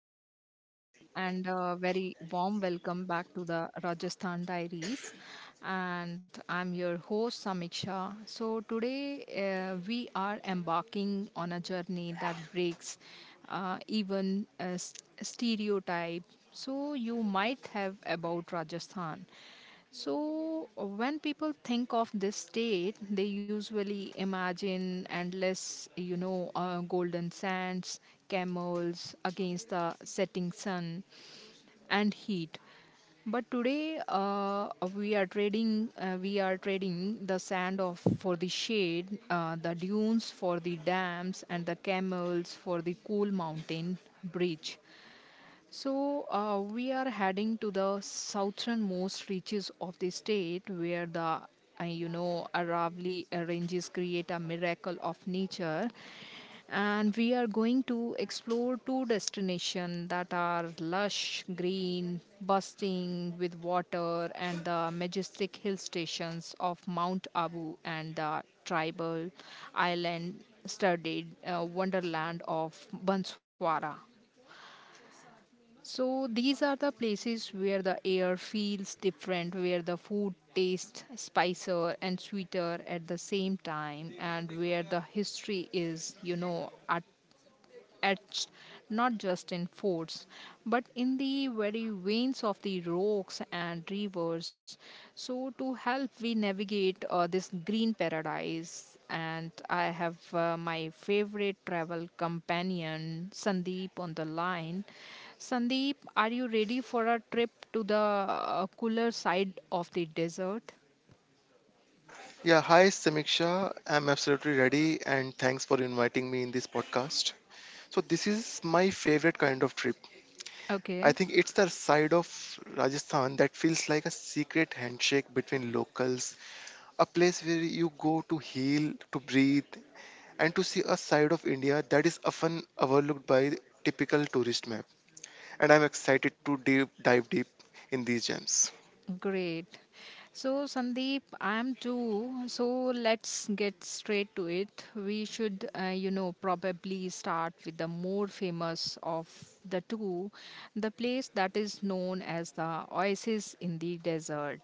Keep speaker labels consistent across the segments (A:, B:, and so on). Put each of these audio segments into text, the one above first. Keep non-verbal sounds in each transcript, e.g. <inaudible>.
A: Namaste, everyone, and a very warm welcome back to the Rajasthan Diaries. And I'm your host, Samiksha. Today, we are embarking on a journey that breaks even a stereotype so you might have about Rajasthan. So, when people think of this state, they usually imagine endless, golden sands, camels against the setting sun, and heat. But today, we are trading the sand of for the shade, the dunes for the dams, and the camels for the cool mountain bridge. So we are heading to the southernmost reaches of the state, where the you know Aravali ranges create a miracle of nature, and we are going to explore two destinations that are lush, green, bursting with water, and the majestic hill stations of Mount Abu and the tribal island-studded wonderland of Banswara. So these are the places where the air feels different, where the food tastes spicier and sweeter at the same time, and where the history is, you know, etched not just in forts but in the very veins of the rocks and rivers. So, to help we navigate this green paradise, and I have my favorite travel companion Sandeep on the line. Sandeep, are you ready for a trip to the cooler side of the desert?
B: Yeah, hi Samiksha. I'm absolutely ready and thanks for inviting me in this podcast. So this is my favorite kind of trip. I
A: Okay.
B: think it's the side of Rajasthan that feels like a secret handshake between locals, a place where you go to heal, to breathe, and to see a side of India that is often overlooked by typical tourist map. And I'm excited to dive deep in these gems.
A: Great. So, Sandeep, I am too. So, let's get straight to it. We should, probably start with the more famous of the two, the place that is known as the oasis in the desert.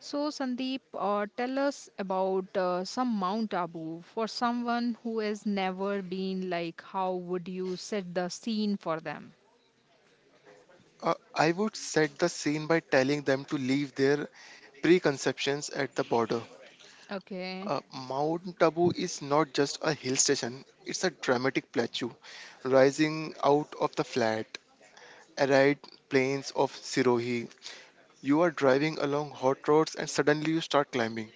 A: So, Sandeep, tell us about some Mount Abu. For someone who has never been, like, how would you set the scene for them?
B: I would set the scene by telling them to leave their preconceptions at the border.
A: Okay,
B: Mount Tabu is not just a hill station, it's a dramatic plateau rising out of the flat, arid plains of Sirohi. You are driving along hot roads and suddenly you start climbing,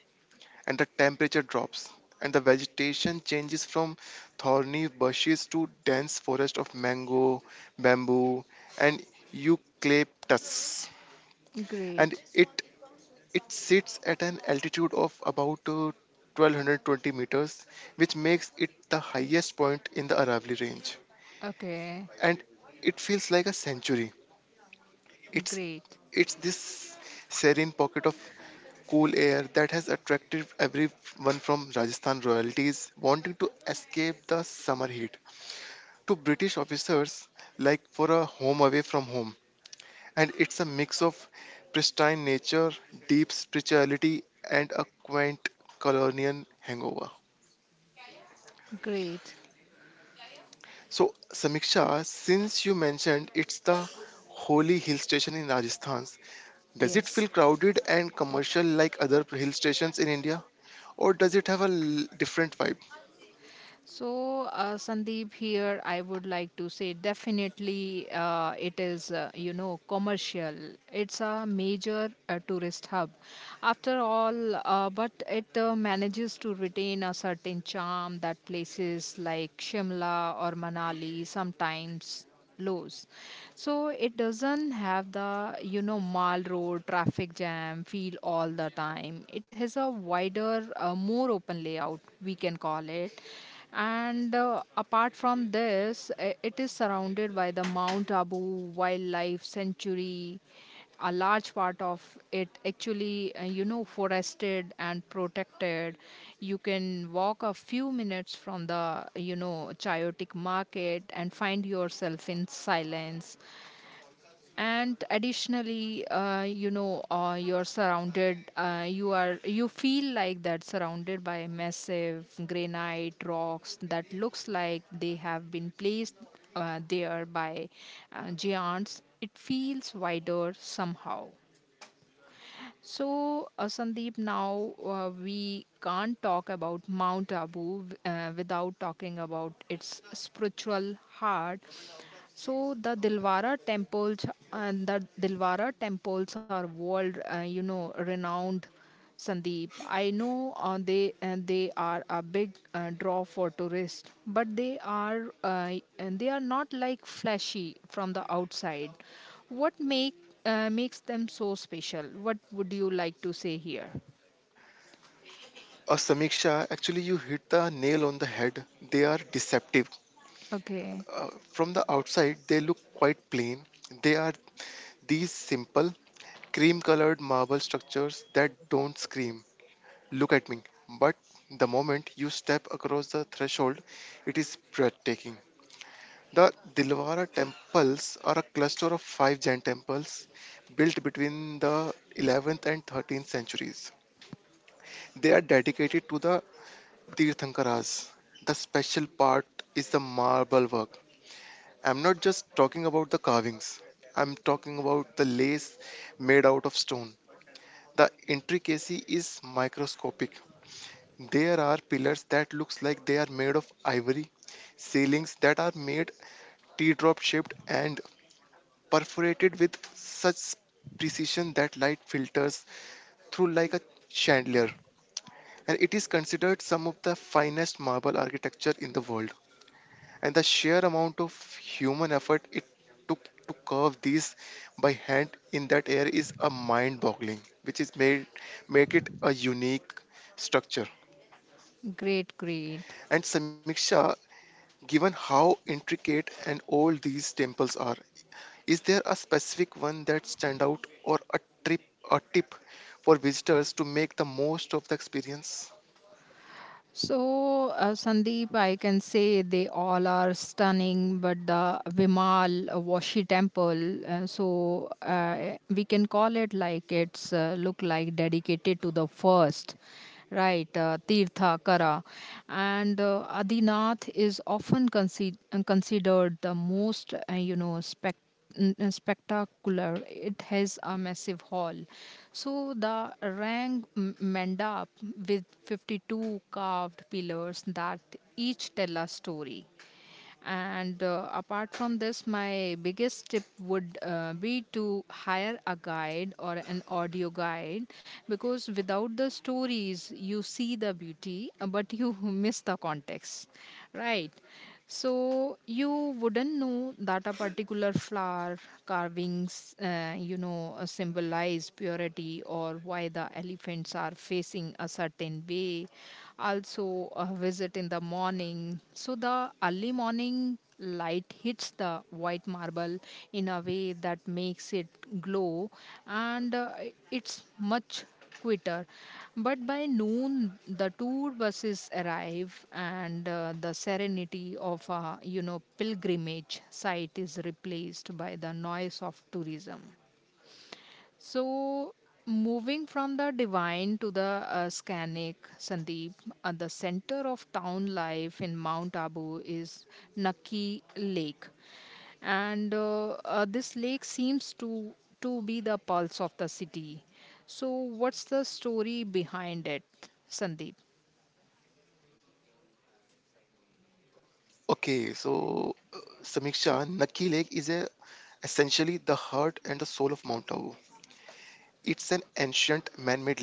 B: and the temperature drops, and the vegetation changes from thorny bushes to dense forest of mango, bamboo, and eucalyptus. And
A: great.
B: it sits at an altitude of about 1,220 meters, which makes it the highest point in the Aravali range.
A: Okay,
B: And it feels like a sanctuary. It's
A: great.
B: it's this serene pocket of cool air that has attracted everyone from Rajasthan royalties wanting to escape the summer heat to British officers like for a home away from home. And it's a mix of pristine nature, deep spirituality, and a quaint colonial hangover.
A: Great.
B: So, Samiksha, since you mentioned it's the holy hill station in Rajasthan, does it feel
A: Yes.
B: crowded and commercial like other hill stations in India, or does it have a different vibe?
A: So, Sandeep, here I would like to say definitely it is, commercial. It's a major tourist hub. After all, but it manages to retain a certain charm that places like Shimla or Manali sometimes lows. So it doesn't have the you know mall road traffic jam feel all the time. It has a wider, more open layout, we can call it. And apart from this, it is surrounded by the Mount Abu Wildlife Sanctuary, a large part of it actually you know forested and protected. You can walk a few minutes from the you know chaotic market and find yourself in silence. And additionally you know you're surrounded you are you feel like that surrounded by massive granite rocks that looks like they have been placed there by giants. It feels wider somehow. So, Sandeep, now we can't talk about Mount Abu without talking about its spiritual heart. So, the Dilwara temples. And the Dilwara temples are world, renowned. Sandeep, I know they are a big draw for tourists, but they are and they are not like flashy from the outside. What makes them so special? What would you like to say here?
B: A Samiksha, actually, you hit the nail on the head. They are deceptive.
A: Okay,
B: From the outside, they look quite plain. They are these simple cream colored marble structures that don't scream, look at me. But the moment you step across the threshold, it is breathtaking. The Dilwara temples are a cluster of five Jain temples built between the 11th and 13th centuries. They are dedicated to the Tirthankaras. The special part is the marble work. I'm not just talking about the carvings, I'm talking about the lace made out of stone. The intricacy is microscopic. There are pillars that looks like they are made of ivory, ceilings that are made teardrop shaped and perforated with such precision that light filters through like a chandelier. And it is considered some of the finest marble architecture in the world. And the sheer amount of human effort it took to carve these by hand in that air is a mind boggling, which is made make it a unique structure.
A: great, great.
B: And Samiksha, given how intricate and old these temples are, is there a specific one that stand out or trip a tip for visitors to make the most of the experience?
A: So, Sandeep, I can say they all are stunning, but the Vimal Washi temple, we can call it like it's look like dedicated to the first, right, Tirthakara. And Adinath is often considered the most, spectacular. It has a massive hall. So the Rang Mandap with 52 carved pillars that each tell a story. And apart from this, my biggest tip would be to hire a guide or an audio guide, because without the stories, you see the beauty, but you <laughs> miss the context, right? So you wouldn't know that a particular flower carvings, symbolize purity, or why the elephants are facing a certain way. Also, a visit in the morning. So the early morning light hits the white marble in a way that makes it glow, and it's much quitter. But by noon, the tour buses arrive, and the serenity of a you know pilgrimage site is replaced by the noise of tourism. So, moving from the divine to the scenic, Sandeep, the center of town life in Mount Abu is Naki Lake, and this lake seems to be the pulse of the city. So what's the story behind it, Sandeep?
B: Uh, okay, so Samiksha, Naki Lake is a, essentially the heart and the soul of Mount Abu. It's an ancient man-made lake,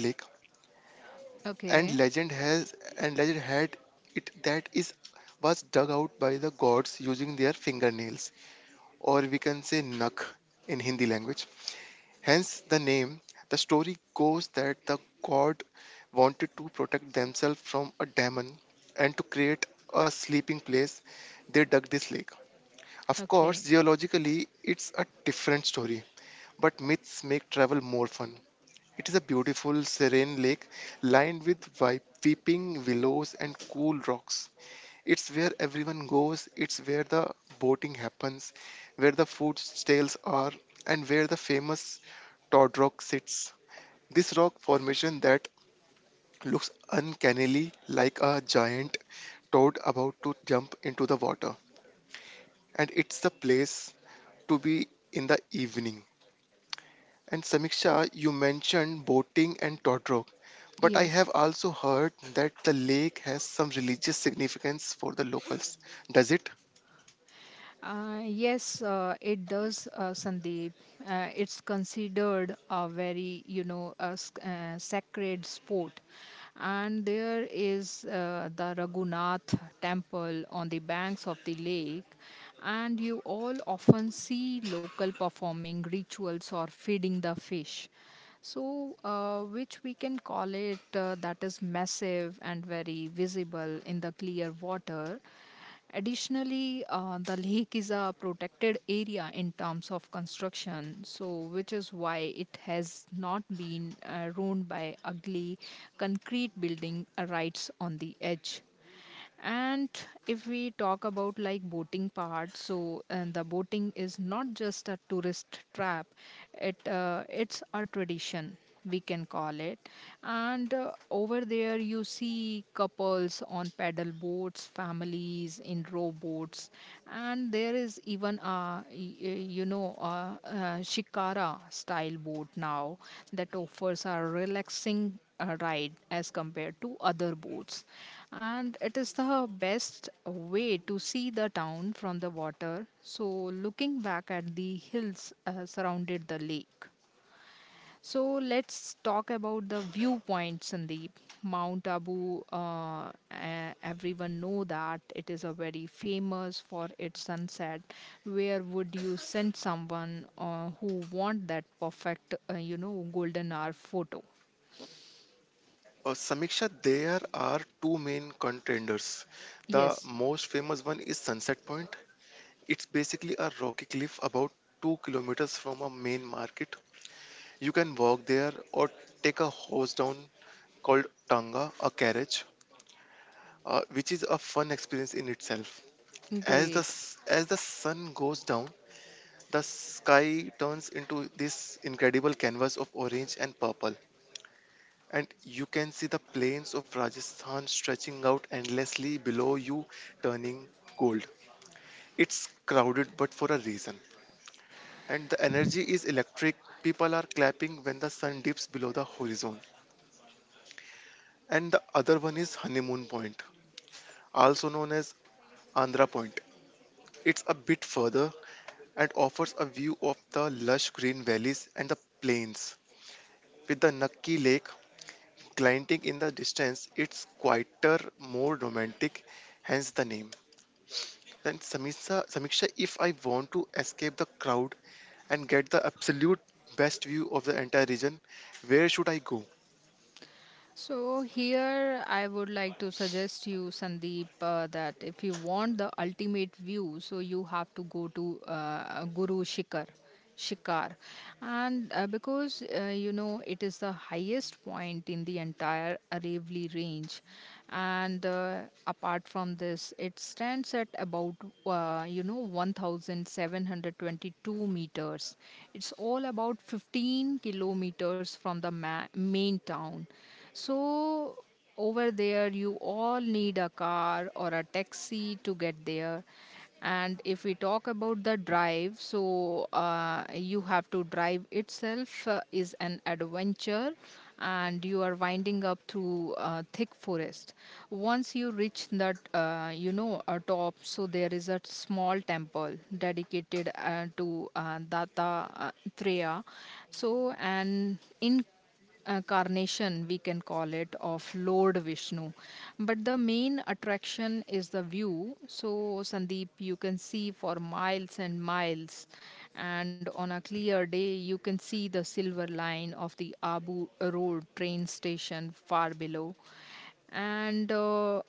B: and
A: Okay.
B: legend has and legend had it that is was dug out by the gods using their fingernails, or we can say "nak" in Hindi language. Hence the name. The story goes that the god wanted to protect themselves from a demon, and to create a sleeping place, they dug this lake. Of course,
A: Okay.
B: geologically, it's a different story, but myths make travel more fun. It is a beautiful, serene lake lined with weeping willows and cool rocks. It's where everyone goes, it's where the boating happens, where the food stalls are, and where the famous Todd Rock sits. This rock formation that looks uncannily like a giant toad about to jump into the water. And it's the place to be in the evening. And Samiksha, you mentioned boating and Todd Rock, but I
A: Yes.
B: have also heard that the lake has some religious significance for the locals. Does it?
A: Yes, it does, Sandeep. It's considered a very, you know, a, sacred sport. And there is the Raghunath temple on the banks of the lake. And you all often see local performing rituals or feeding the fish. So, which we can call it that is massive and very visible in the clear water. Additionally, the lake is a protected area in terms of construction, so which is why it has not been ruined by ugly concrete building rights on the edge. And if we talk about like boating part, so and the boating is not just a tourist trap; it's a tradition, we can call it. And over there you see couples on paddle boats, families in rowboats. And there is even a you know a shikara style boat now that offers a relaxing ride as compared to other boats. And it is the best way to see the town from the water. So, looking back at the hills surrounded the lake, so let's talk about the viewpoint, Sandeep. Mount Abu, everyone know that it is a very famous for its sunset. Where would you send someone who want that perfect, golden hour photo?
B: Samiksha, there are two main contenders. The
A: Yes,
B: most famous one is Sunset Point. It's basically a rocky cliff about 2 kilometers from a main market. You can walk there or take a horse down called tanga, a carriage, which is a fun experience in itself. As the
A: great.
B: s- as the sun goes down, the sky turns into this incredible canvas of orange and purple. And you can see the plains of Rajasthan stretching out endlessly below you, turning gold. It's crowded, but for a reason. And the energy is electric. People are clapping when the sun dips below the horizon. And the other one is Honeymoon Point, also known as Andhra Point. It's a bit further and offers a view of the lush green valleys and the plains. With the Nucky Lake glinting in the distance, it's quieter, more romantic, hence the name. And Samiksha, if I want to escape the crowd and get the absolute best view of the entire region, where should I go?
A: So here I would like to suggest you, Sandeep, that if you want the ultimate view, so you have to go to Guru Shikhar Shikar. And uh, because uh, you know it is the highest point in the entire Aravalli range. And apart from this, it stands at about 1722 meters. It's all about 15 kilometers from the main town. So over there, you all need a car or a taxi to get there. And if we talk about the drive, so you have to drive itself is an adventure, and you are winding up through thick forest. Once you reach that, a top, so there is a small temple dedicated to Data Treya. So, and in carnation, we can call it, of Lord Vishnu. But the main attraction is the view. So, Sandeep, you can see for miles and miles. And on a clear day, you can see the silver line of the Abu Road train station far below. And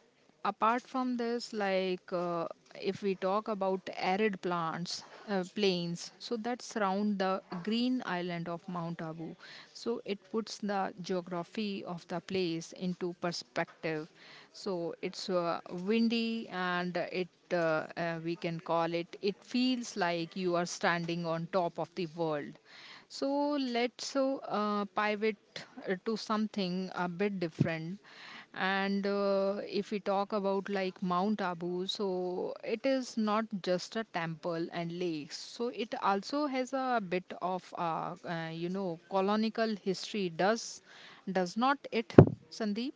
A: apart from this like if we talk about arid plants plains so that surround the green island of Mount Abu, so it puts the geography of the place into perspective. So it's windy, and it we can call it it feels like you are standing on top of the world. So let's pivot to something a bit different. And if we talk about like Mount Abu, so it is not just a temple and lakes. So it also has a bit of colonial history. Does not it, Sandeep?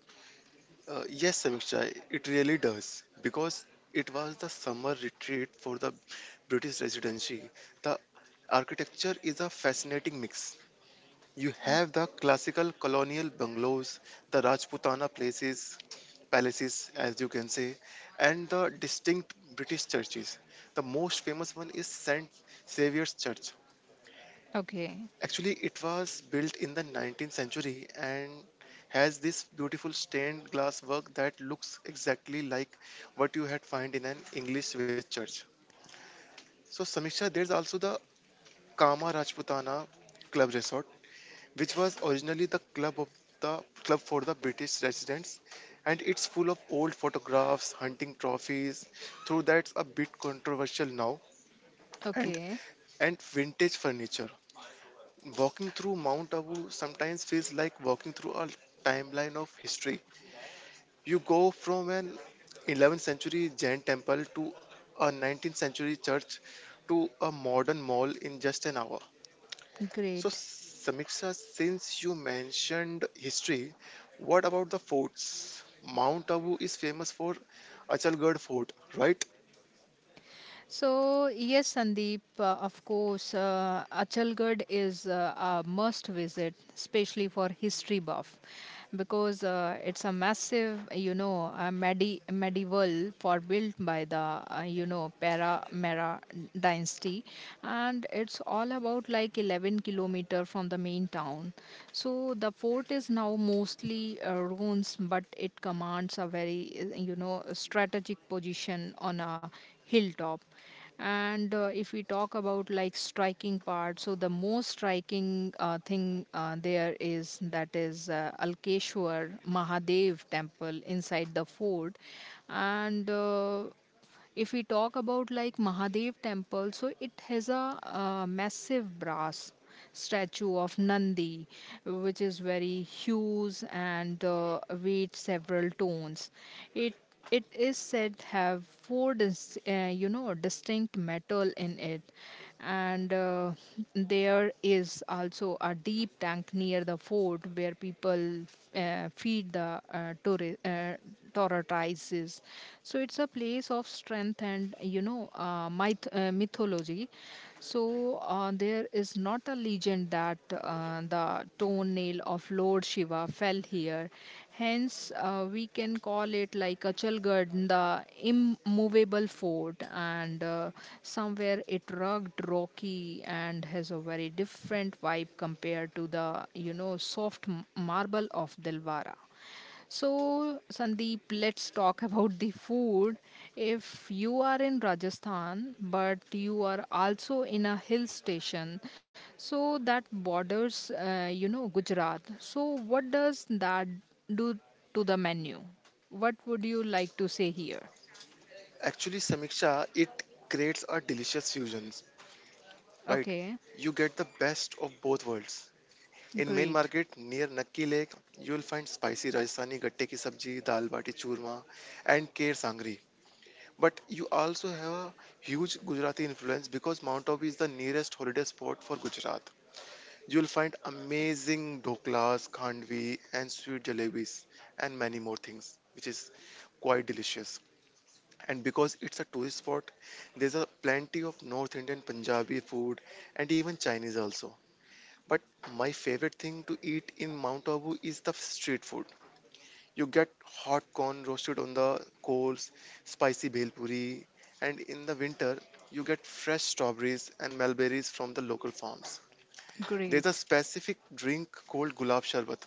B: Yes, Samiksha, it really does because it was the summer retreat for the British residency. The architecture is a fascinating mix. You have the classical colonial bungalows, the Rajputana places, palaces, as you can say, and the distinct British churches. The most famous one is St. Xavier's Church.
A: Okay,
B: Actually, it was built in the 19th century and has this beautiful stained glass work that looks exactly like what you had find in an English village church. So, Samiksha, there's also the Kama Rajputana Club Resort, which was originally the club for the British residents, and it's full of old photographs, hunting trophies, though that's a bit controversial now, and
A: okay,
B: and vintage furniture. Walking through Mount Abu sometimes feels like walking through a timeline of history. You go from an 11th century Jain temple to a 19th century church to a modern mall in just an hour. So,
A: great.
B: Samiksha, since you mentioned history, what about the forts? Mount Abu is famous for Achalgarh Fort, right?
A: So, yes, Sandeep, of course, Achalgarh is a must visit, especially for history buff, because it's a massive, medi- medieval fort built by the, Para Mera dynasty, and it's all about like 11-kilometer from the main town. So, the fort is now mostly ruins, but it commands a very, strategic position on a hilltop. And if we talk about like striking part, so the most striking thing there is that is Alkeshwar Mahadev temple inside the fort. And if we talk about like Mahadev temple, so it has a massive brass statue of Nandi, which is very huge and weighs several tons. It it is said have four you know distinct metal in it. And there is also a deep tank near the fort where people feed the prioritizes. So it's a place of strength and you know mythology. So there is not a legend that the toenail of Lord Shiva fell here. Hence, we can call it like a Achalgarh, the immovable fort, and somewhere it rugged, rocky, and has a very different vibe compared to the you know soft marble of Dilwara. So, Sandeep, let's talk about the food. If you are in Rajasthan, but you are also in a hill station, so that borders, Gujarat. So, what does that do to the menu? What would you like to say here?
B: Actually, Samiksha, it creates a delicious fusion, right?
A: Okay,
B: You get the best of both worlds. In main
A: great,
B: market near Nakki Lake, you'll find spicy Rajasthani gatte ki sabji, dal bati churma, and kher sangri. But you also have a huge Gujarati influence because Mount Abu is the nearest holiday spot for Gujarat. You'll find amazing doklas, khandvi, and sweet jalebis, and many more things, which is quite delicious. And because it's a tourist spot, there's a plenty of North Indian Punjabi food and even Chinese also. But my favorite thing to eat in Mount Abu is the street food. You get hot corn roasted on the coals, spicy bhelpuri, and in the winter you get fresh strawberries and mulberries from the local farms. There's a
A: great.
B: specific drink called gulab sharbat,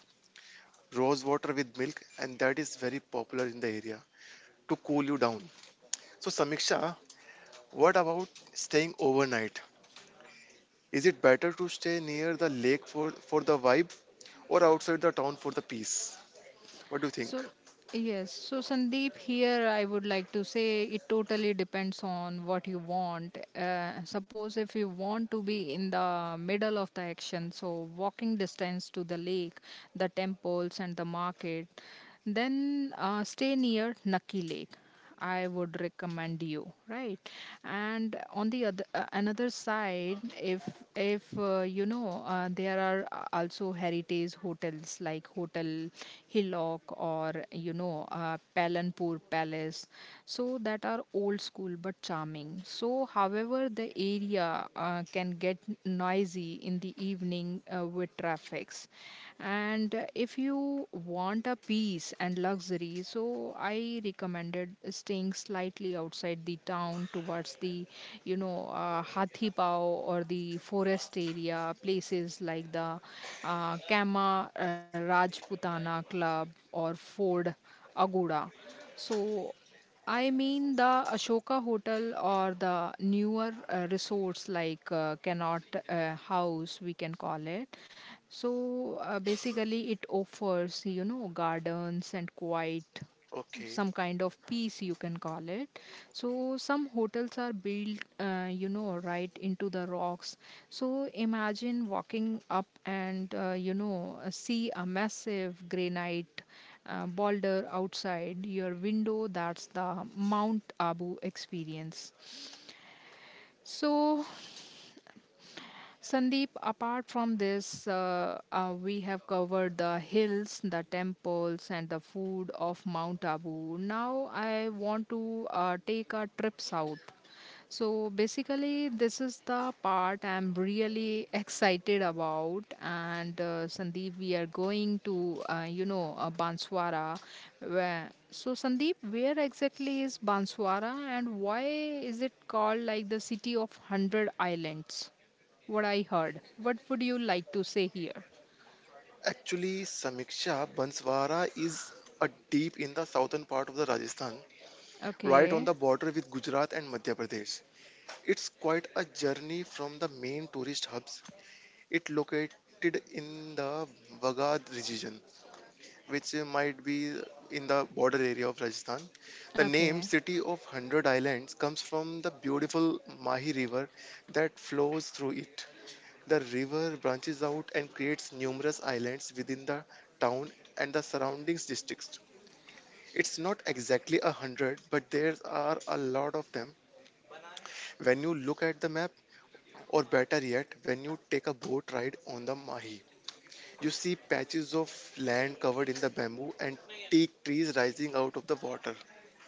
B: rose water with milk, and that is very popular in the area to cool you down. So, Samiksha, what about staying overnight? Is it better to stay near the lake for the vibe or outside the town for the peace? What do you think?
A: So, yes. So, Sandeep, here I would like to say it totally depends on what you want. Suppose if you want to be in the middle of the action, so walking distance to the lake, the temples, and the market, then stay near Naki Lake. I would recommend you, right? And on the other another side, if there are also heritage hotels like Hotel Hillock or Palanpur Palace, so that are old school but charming. So, however, the area can get noisy in the evening with traffics and if you want a peace and luxury so I recommended staying slightly outside the town towards the hathi paw or the forest area places like the kama rajputana club or ford agoda so I mean the Ashoka Hotel or the newer resorts like Cannot House, we can call it. So basically, it offers you know gardens and quiet,
B: Okay.
A: some kind of peace you can call it. So some hotels are built right into the rocks, so imagine walking up and see a massive granite boulder outside your window. That's the Mount Abu experience. So Sandeep, apart from this, we have covered the hills, the temples, and the food of Mount Abu. Now, I want to take a trip south. So, basically, this is the part I'm really excited about. And Sandeep, we are going to, Banswara. Where, so, Sandeep, where exactly is Banswara and why is it called like the city of 100 islands? What I heard. What would
B: So,
A: you like to say here?
B: actually, Samiksha, Banswara is a deep in the southern part of the Rajasthan, right on
A: Okay.
B: the border with Gujarat and Madhya Pradesh. It's quite a journey from the main tourist hubs. It located in the Wagad region, which might be in the border area of Rajasthan. The name
A: Okay.
B: City of 100 Islands comes from the beautiful Mahi River that flows through it. The river branches out and creates numerous islands within the town and the surrounding districts. It's not exactly a hundred, but there are a lot of them when you look at the map, or better yet, when you take a boat ride on the Mahi. You see patches of land covered in the bamboo and teak trees rising out of the water.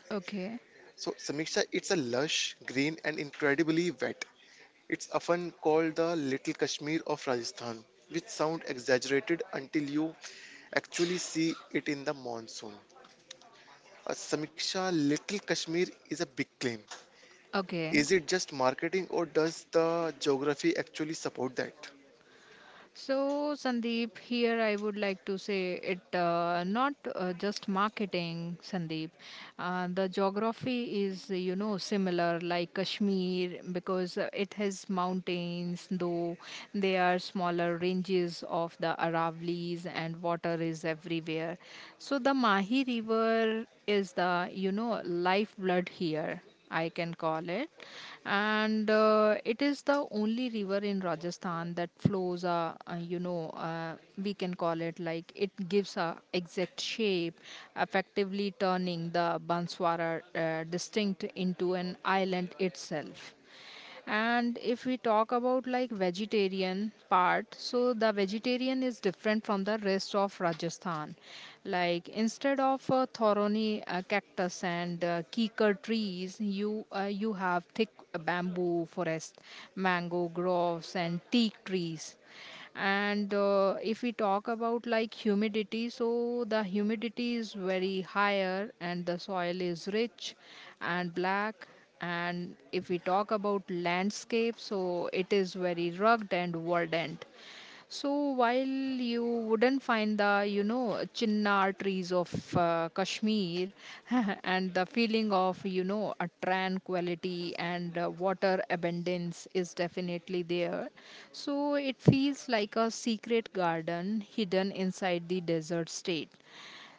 A: Okay.
B: So, Samiksha, it's a lush, green, and incredibly wet. It's often called the Little Kashmir of Rajasthan, which sounds exaggerated until you actually see it in the monsoon. Samiksha, Little Kashmir is a big claim.
A: Okay.
B: Is it just marketing or does the geography actually support that?
A: So, Sandeep, here I would like to say it not just marketing, Sandeep. The geography is, you know, similar like Kashmir because it has mountains, though they are smaller ranges of the Aravallis, and water is everywhere. So, the Mahi River is the, you know, lifeblood here. I can call it. And it is the only river in Rajasthan that flows, we can call it like it gives a exact shape, effectively turning the Banswara distinct into an island itself. And if we talk about like vegetarian part, so the vegetarian is different from the rest of Rajasthan, like instead of thorny cactus and kikar trees, you have thick bamboo forest, mango groves, and teak trees. And if we talk about like humidity, so the humidity is very higher and the soil is rich and black. And if we talk about landscape, so it is very rugged and verdant. So while you wouldn't find the, you know, chinnar trees of Kashmir, <laughs> and the feeling of, you know, a tranquility and water abundance is definitely there. So it feels like a secret garden hidden inside the desert state.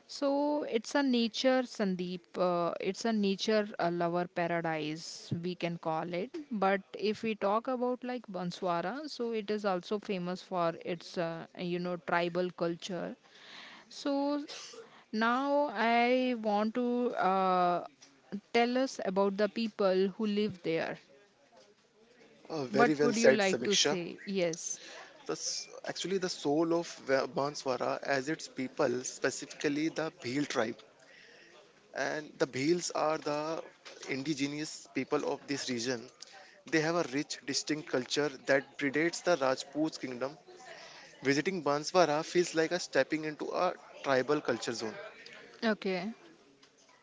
A: So it's a nature, Sandeep. It's a nature lover paradise, we can call it. But if we talk about like Banswara, so it is also famous for its, tribal culture. So now I want to tell us about the people who live there.
B: Very
A: What
B: well
A: would you
B: said,
A: like to
B: Samiksha.
A: say? Yes.
B: Actually the soul of Banswara as its people, specifically the Bhil tribe. And the Bhils are the indigenous people of this region. They have a rich, distinct culture that predates the Rajput's kingdom. Visiting Banswara feels like a stepping into a tribal culture zone.
A: Okay,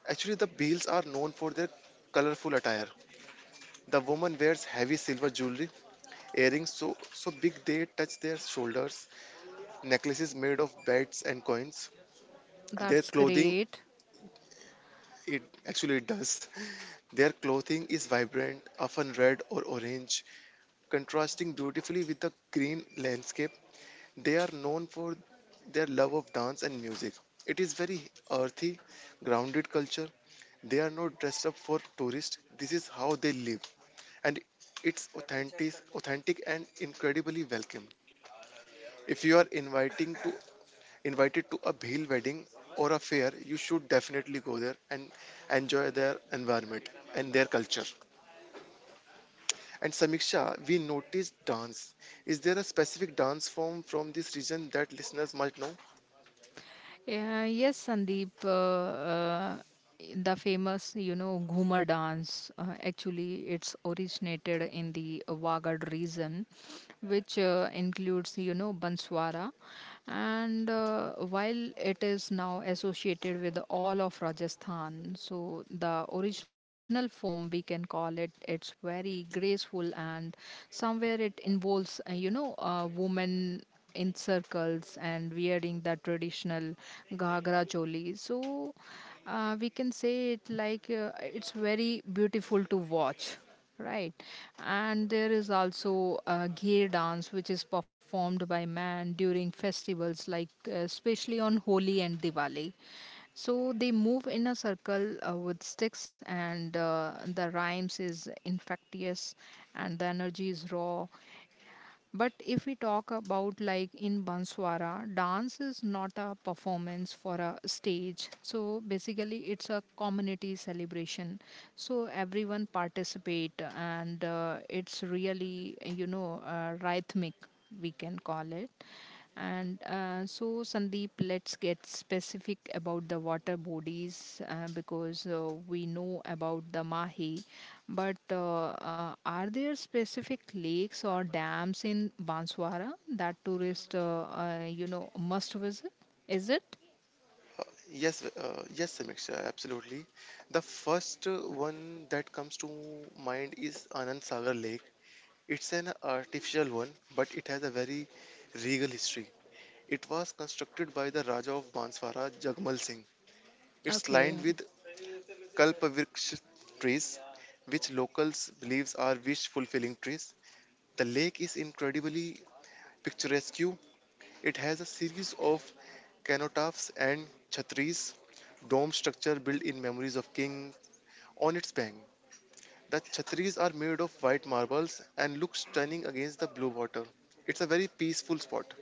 B: Actually, the Bhils are known for their colorful attire. The woman wears heavy silver jewelry, earrings so big they touch their shoulders, necklaces made of beds and coins. Their
A: that's
B: clothing.
A: great.
B: It actually it does. Their clothing is vibrant, often red or orange, contrasting beautifully with the green landscape. They are known for their love of dance and music. It is very earthy, grounded culture. They are not dressed up for tourists. This is how they live, and it's authentic and incredibly welcome. If you are inviting to invited to a Bhil wedding or a fair, you should definitely go there and enjoy their environment and their culture. And Samiksha, we noticed dance. Is there a specific dance form from this region that listeners might know?
A: Yeah, yes, Sandeep. The famous, you know, Ghumar dance. Actually, it's originated in the Wagad region, which includes, you know, Banswara. And while it is now associated with all of Rajasthan, so the original form we can call it, it's very graceful, and somewhere it involves, a woman in circles and wearing the traditional ghagra choli. So we can say it like it's very beautiful to watch, right. And there is also a gay dance which is performed by man during festivals like especially on Holi and Diwali. So they move in a circle with sticks, and the rhymes is infectious and the energy is raw. But if we talk about like in Banswara, dance is not a performance for a stage. So basically, it's a community celebration. So everyone participate, and it's really rhythmic. We can call it. And so, Sandeep, let's get specific about the water bodies because we know about the Mahi. But are there specific lakes or dams in Banswara that tourists, must visit? Is it?
B: Uh, yes, yes, Samiksha, absolutely. The first one that comes to mind is Anand Sagar Lake. It's an artificial one, but it has a very regal history. It was constructed by the Raja of Banswara, Jagmal Singh. It's lined
A: Okay.
B: with kalpavriksh trees, which locals believes are wish fulfilling trees. The lake is incredibly picturesque. It has a series of cenotaphs and chhatris, dome structure built in memories of king on its bank. The chhatris are made of white marbles and look stunning against the blue water. It's a very peaceful spot.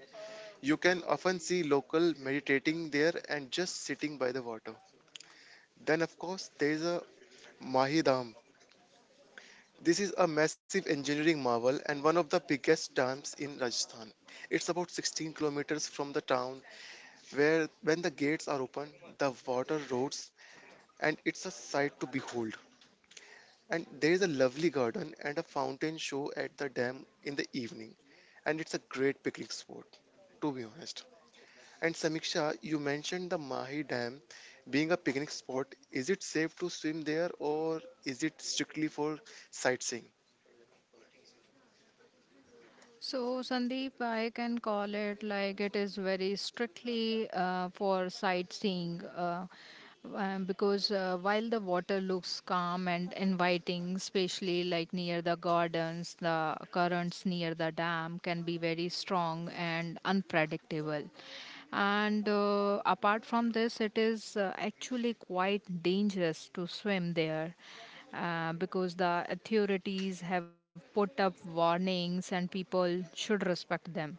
B: You can often see local meditating there and just sitting by the water. Then of course there is a Mahi Dam. This is a massive engineering marvel and one of the biggest dams in Rajasthan. It's about 16 kilometers from the town where when the gates are open, the water roars, and it's a sight to behold. And there is a lovely garden and a fountain show at the dam in the evening, and it's a great picnic spot, to be honest. And Samiksha, you mentioned the Mahi Dam being a picnic spot. Is it safe to swim there, or is it strictly for sightseeing?
A: So, Sandeep, I can call it like it is very strictly for sightseeing, because while the water looks calm and inviting, especially like near the gardens, the currents near the dam can be very strong and unpredictable. And apart from this, it is actually quite dangerous to swim there because the authorities have put up warnings and people should respect them.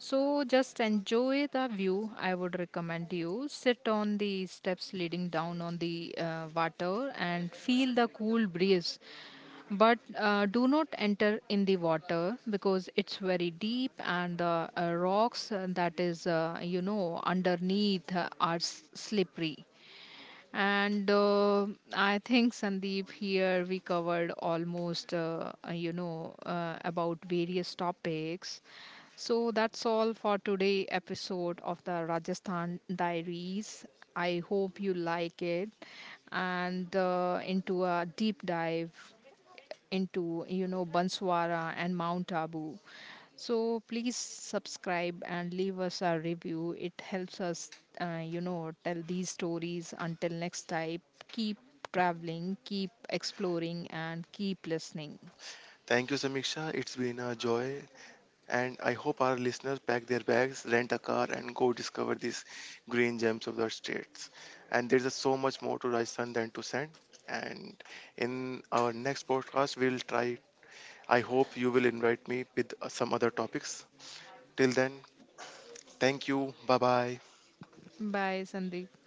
A: So just enjoy the view. I would recommend you sit on the steps leading down on the water and feel the cool breeze. But do not enter in the water because it's very deep and the rocks that is underneath are slippery. And I think Sandeep, here we covered almost, about various topics. So that's all for today episode of the Rajasthan Diaries. I hope you like it and into a deep dive into you know Banswara and Mount Abu. So please subscribe and leave us a review. It helps us, tell these stories. Until next time, keep traveling, keep exploring, and keep listening.
B: Thank you, Samiksha. It's been a joy. And I hope our listeners pack their bags, rent a car, and go discover these green gems of the states. And there's a so much more to Rajasthan than to send. And in our next podcast, we'll try. I hope you will invite me with some other topics. Till then, thank you. Bye bye.
A: Bye, Sandeep.